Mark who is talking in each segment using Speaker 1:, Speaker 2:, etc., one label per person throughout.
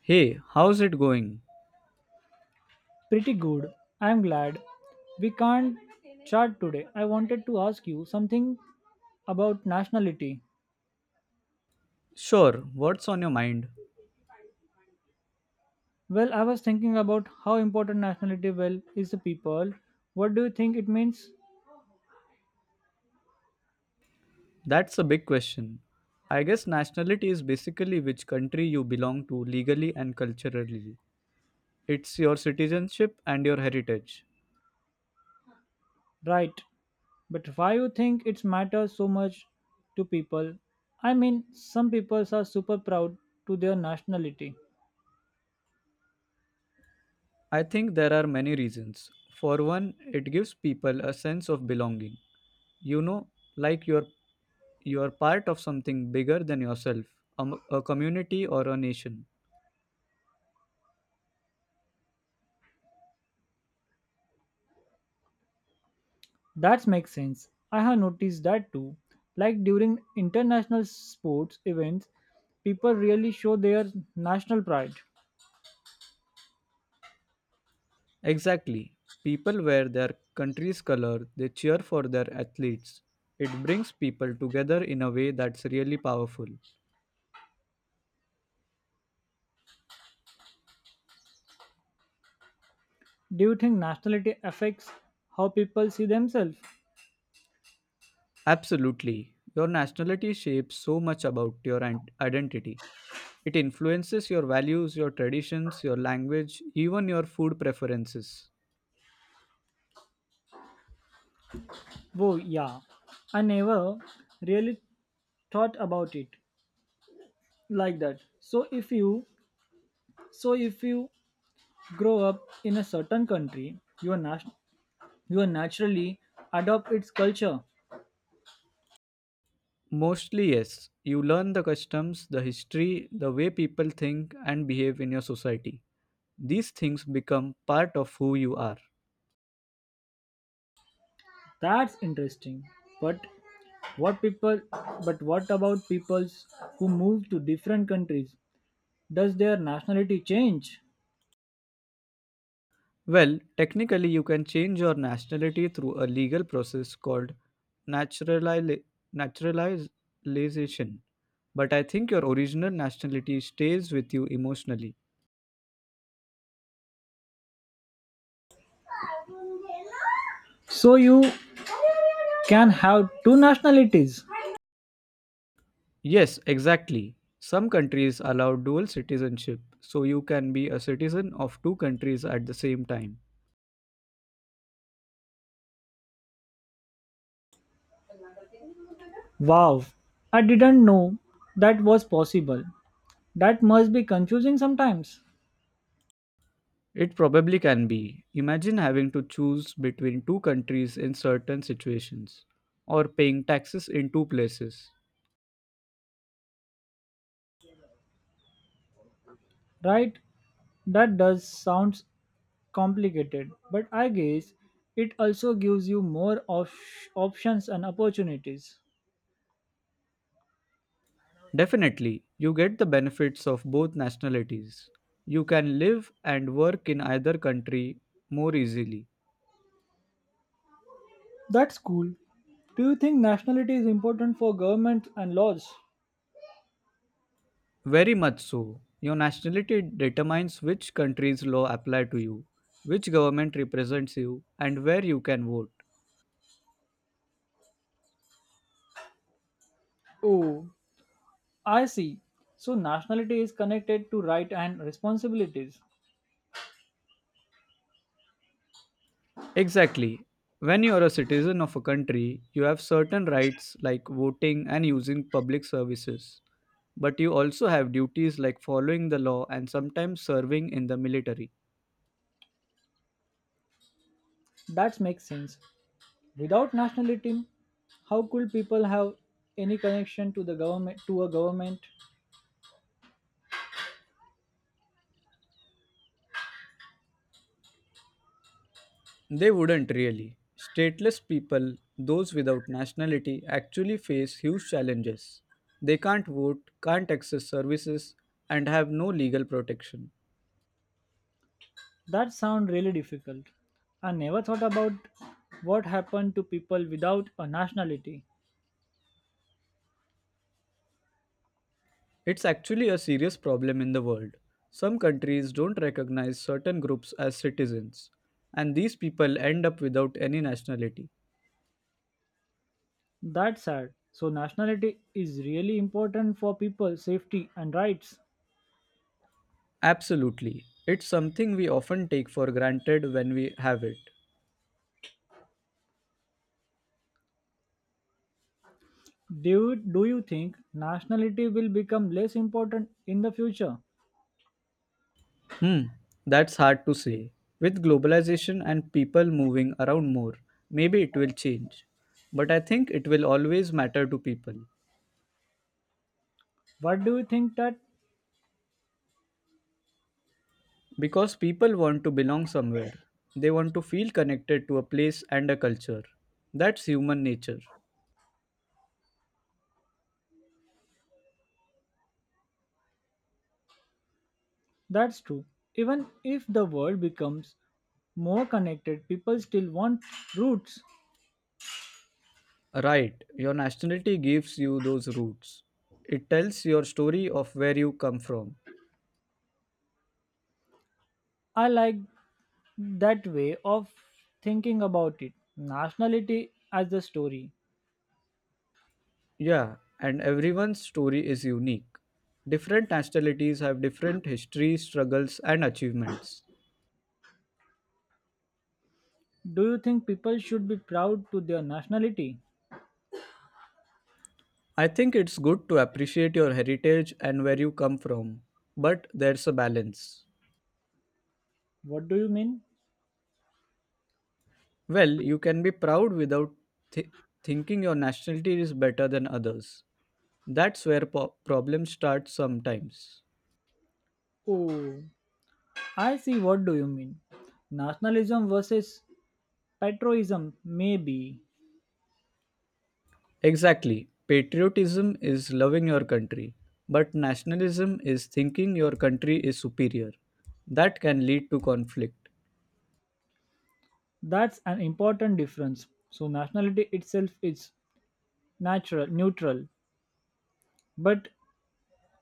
Speaker 1: Hey, how's it going?
Speaker 2: Pretty good. I'm glad. We can't chat today. I wanted to ask you something about nationality.
Speaker 1: Sure, what's on your mind?
Speaker 2: Well, I was thinking about how important nationality well is to people. What do you think it means?
Speaker 1: That's a big question. I guess nationality is basically which country you belong to legally and culturally. It's your citizenship and your heritage.
Speaker 2: Right. But why you think it matters so much to people? I mean, some people are super proud to their nationality.
Speaker 1: I think there are many reasons. For one, it gives people a sense of belonging. You know, like you are part of something bigger than yourself, a a community or a nation.
Speaker 2: That makes sense. I have noticed that too. Like during international sports events, people really show their national pride.
Speaker 1: Exactly. People wear their country's color, they cheer for their athletes. It brings people together in a way that's really powerful.
Speaker 2: Do you think nationality affects how people see themselves?
Speaker 1: Absolutely. Your nationality shapes so much about your identity. It influences your values, your traditions, your language, even your food preferences.
Speaker 2: Oh, yeah. I never really thought about it like that. So if you grow up in a certain country, you are you are naturally adopt its culture.
Speaker 1: Mostly, yes. You learn the customs, the history, the way people think and behave in your society. These things become part of who you are.
Speaker 2: That's interesting. But what people but what about peoples who move to different countries? Does their nationality change?
Speaker 1: Well, technically, you can change your nationality through a legal process called naturali- naturalization. But I think your original nationality stays with you emotionally.
Speaker 2: So you can have two nationalities.
Speaker 1: Yes, exactly. Some countries allow dual citizenship, so you can be a citizen of two countries at the same time.
Speaker 2: Wow. I didn't know that was possible. That must be confusing sometimes.
Speaker 1: It probably can be. Imagine having to choose between two countries in certain situations, or paying taxes in two places.
Speaker 2: Right? That does sounds complicated, but I guess it also gives you more of options and opportunities.
Speaker 1: Definitely, you get the benefits of both nationalities. You can live and work in either country more easily.
Speaker 2: That's cool. Do you think nationality is important for governments and laws?
Speaker 1: Very much so. Your nationality determines which country's law apply to you, which government represents you, and where you can vote.
Speaker 2: Oh, I see. So nationality is connected to right and responsibilities.
Speaker 1: Exactly. When you are a citizen of a country, you have certain rights like voting and using public services. But you also have duties like following the law and sometimes serving in the military.
Speaker 2: That makes sense. Without nationality, how could people have any connection to the government to a government?
Speaker 1: They wouldn't really. Stateless people, those without nationality, actually face huge challenges. They can't vote, can't access services, and have no legal protection.
Speaker 2: That sounds really difficult. I never thought about what happened to people without a nationality.
Speaker 1: It's actually a serious problem in the world. Some countries don't recognize certain groups as citizens, and these people end up without any nationality.
Speaker 2: That's sad. So nationality is really important for people safety and rights.
Speaker 1: Absolutely. It's something we often take for granted when we have it.
Speaker 2: Do you think nationality will become less important in the future?
Speaker 1: Hmm, that's hard to say. With globalization and people moving around more, maybe it will change. But I think it will always matter to people.
Speaker 2: What do you think that
Speaker 1: Because people want to belong somewhere, they want to feel connected to a place and a culture. That's human nature.
Speaker 2: that's true? Even if the world becomes more connected, people still want roots.
Speaker 1: Right, your nationality gives you those roots. It tells your story of where you come from.
Speaker 2: I like that way of thinking about it. Nationality as the story.
Speaker 1: Yeah, and everyone's story is unique. Different nationalities have different histories, struggles, and achievements.
Speaker 2: Do you think people should be proud to their nationality?
Speaker 1: I think it's good to appreciate your heritage and where you come from, but there's a balance.
Speaker 2: What do you mean?
Speaker 1: Well, you can be proud without th- thinking your nationality is better than others. That's where problems start sometimes.
Speaker 2: Oh, I see what do you mean. Nationalism versus patriotism, maybe.
Speaker 1: Exactly. Patriotism is loving your country, but nationalism is thinking your country is superior. That can lead to conflict.
Speaker 2: That's an important difference. So nationality itself is natural, neutral, but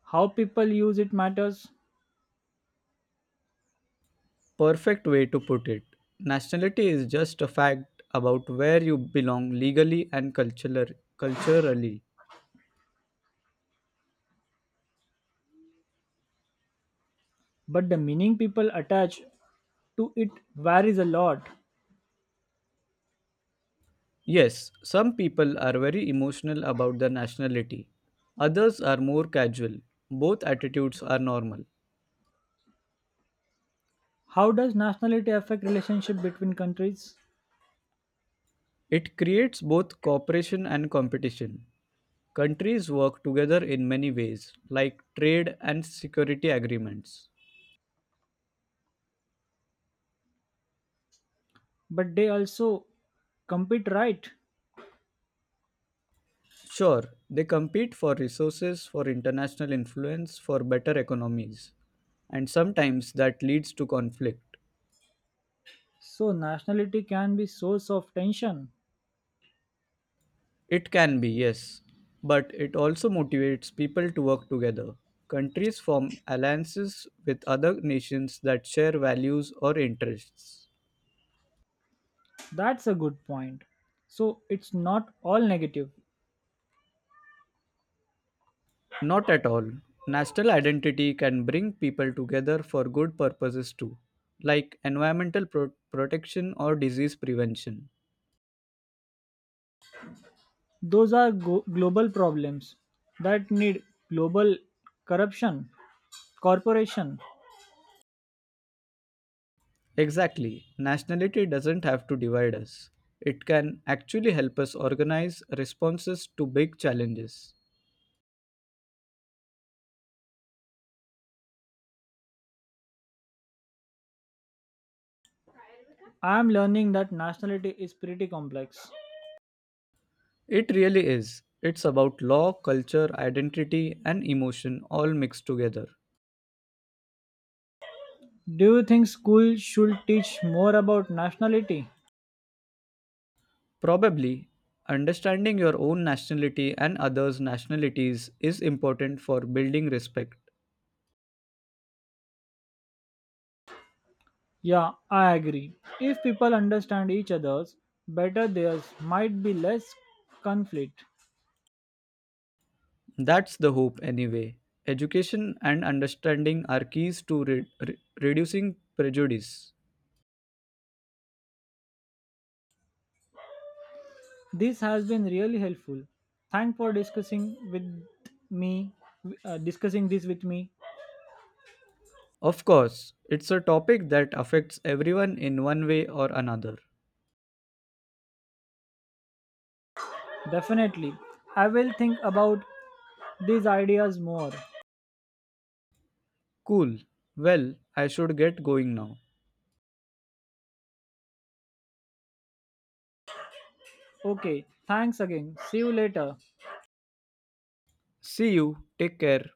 Speaker 2: how people use it matters.
Speaker 1: Perfect way to put it. Nationality is just a fact about where you belong legally and culturally.
Speaker 2: But the meaning people attach to it varies a lot.
Speaker 1: Yes, some people are very emotional about their nationality. Others are more casual. Both attitudes are normal.
Speaker 2: How does nationality affect relationship between countries?
Speaker 1: It creates both cooperation and competition. Countries work together in many ways, like trade and security agreements.
Speaker 2: But they also compete, right?
Speaker 1: Sure, they compete for resources, for international influence, for better economies. And sometimes that leads to conflict.
Speaker 2: So nationality can be source of tension.
Speaker 1: It can be, yes, but it also motivates people to work together. Countries form alliances with other nations that share values or interests.
Speaker 2: That's a good point. So it's not all negative.
Speaker 1: Not at all. National identity can bring people together for good purposes too, like environmental protection or disease prevention.
Speaker 2: Those are global problems that need global corruption. corporation.
Speaker 1: Exactly. Nationality doesn't have to divide us. It can actually help us organize responses to big challenges.
Speaker 2: I am learning that nationality is pretty complex.
Speaker 1: It really is. It's about law, culture, identity, and emotion all mixed together.
Speaker 2: Do you think school should teach more about nationality?
Speaker 1: Probably, understanding your own nationality and others' nationalities is important for building respect.
Speaker 2: Yeah, I agree. If people understand each other's better, theirs might be less conflict.
Speaker 1: That's the hope, anyway. Education and understanding are keys to reducing prejudice.
Speaker 2: This has been really helpful. Thank for discussing with me discussing this with me.
Speaker 1: Of course, it's a topic that affects everyone in one way or another.
Speaker 2: Definitely. I will think about these ideas more.
Speaker 1: Cool. Well, I should get going now.
Speaker 2: Okay, thanks again, see you later.
Speaker 1: See you. Take care.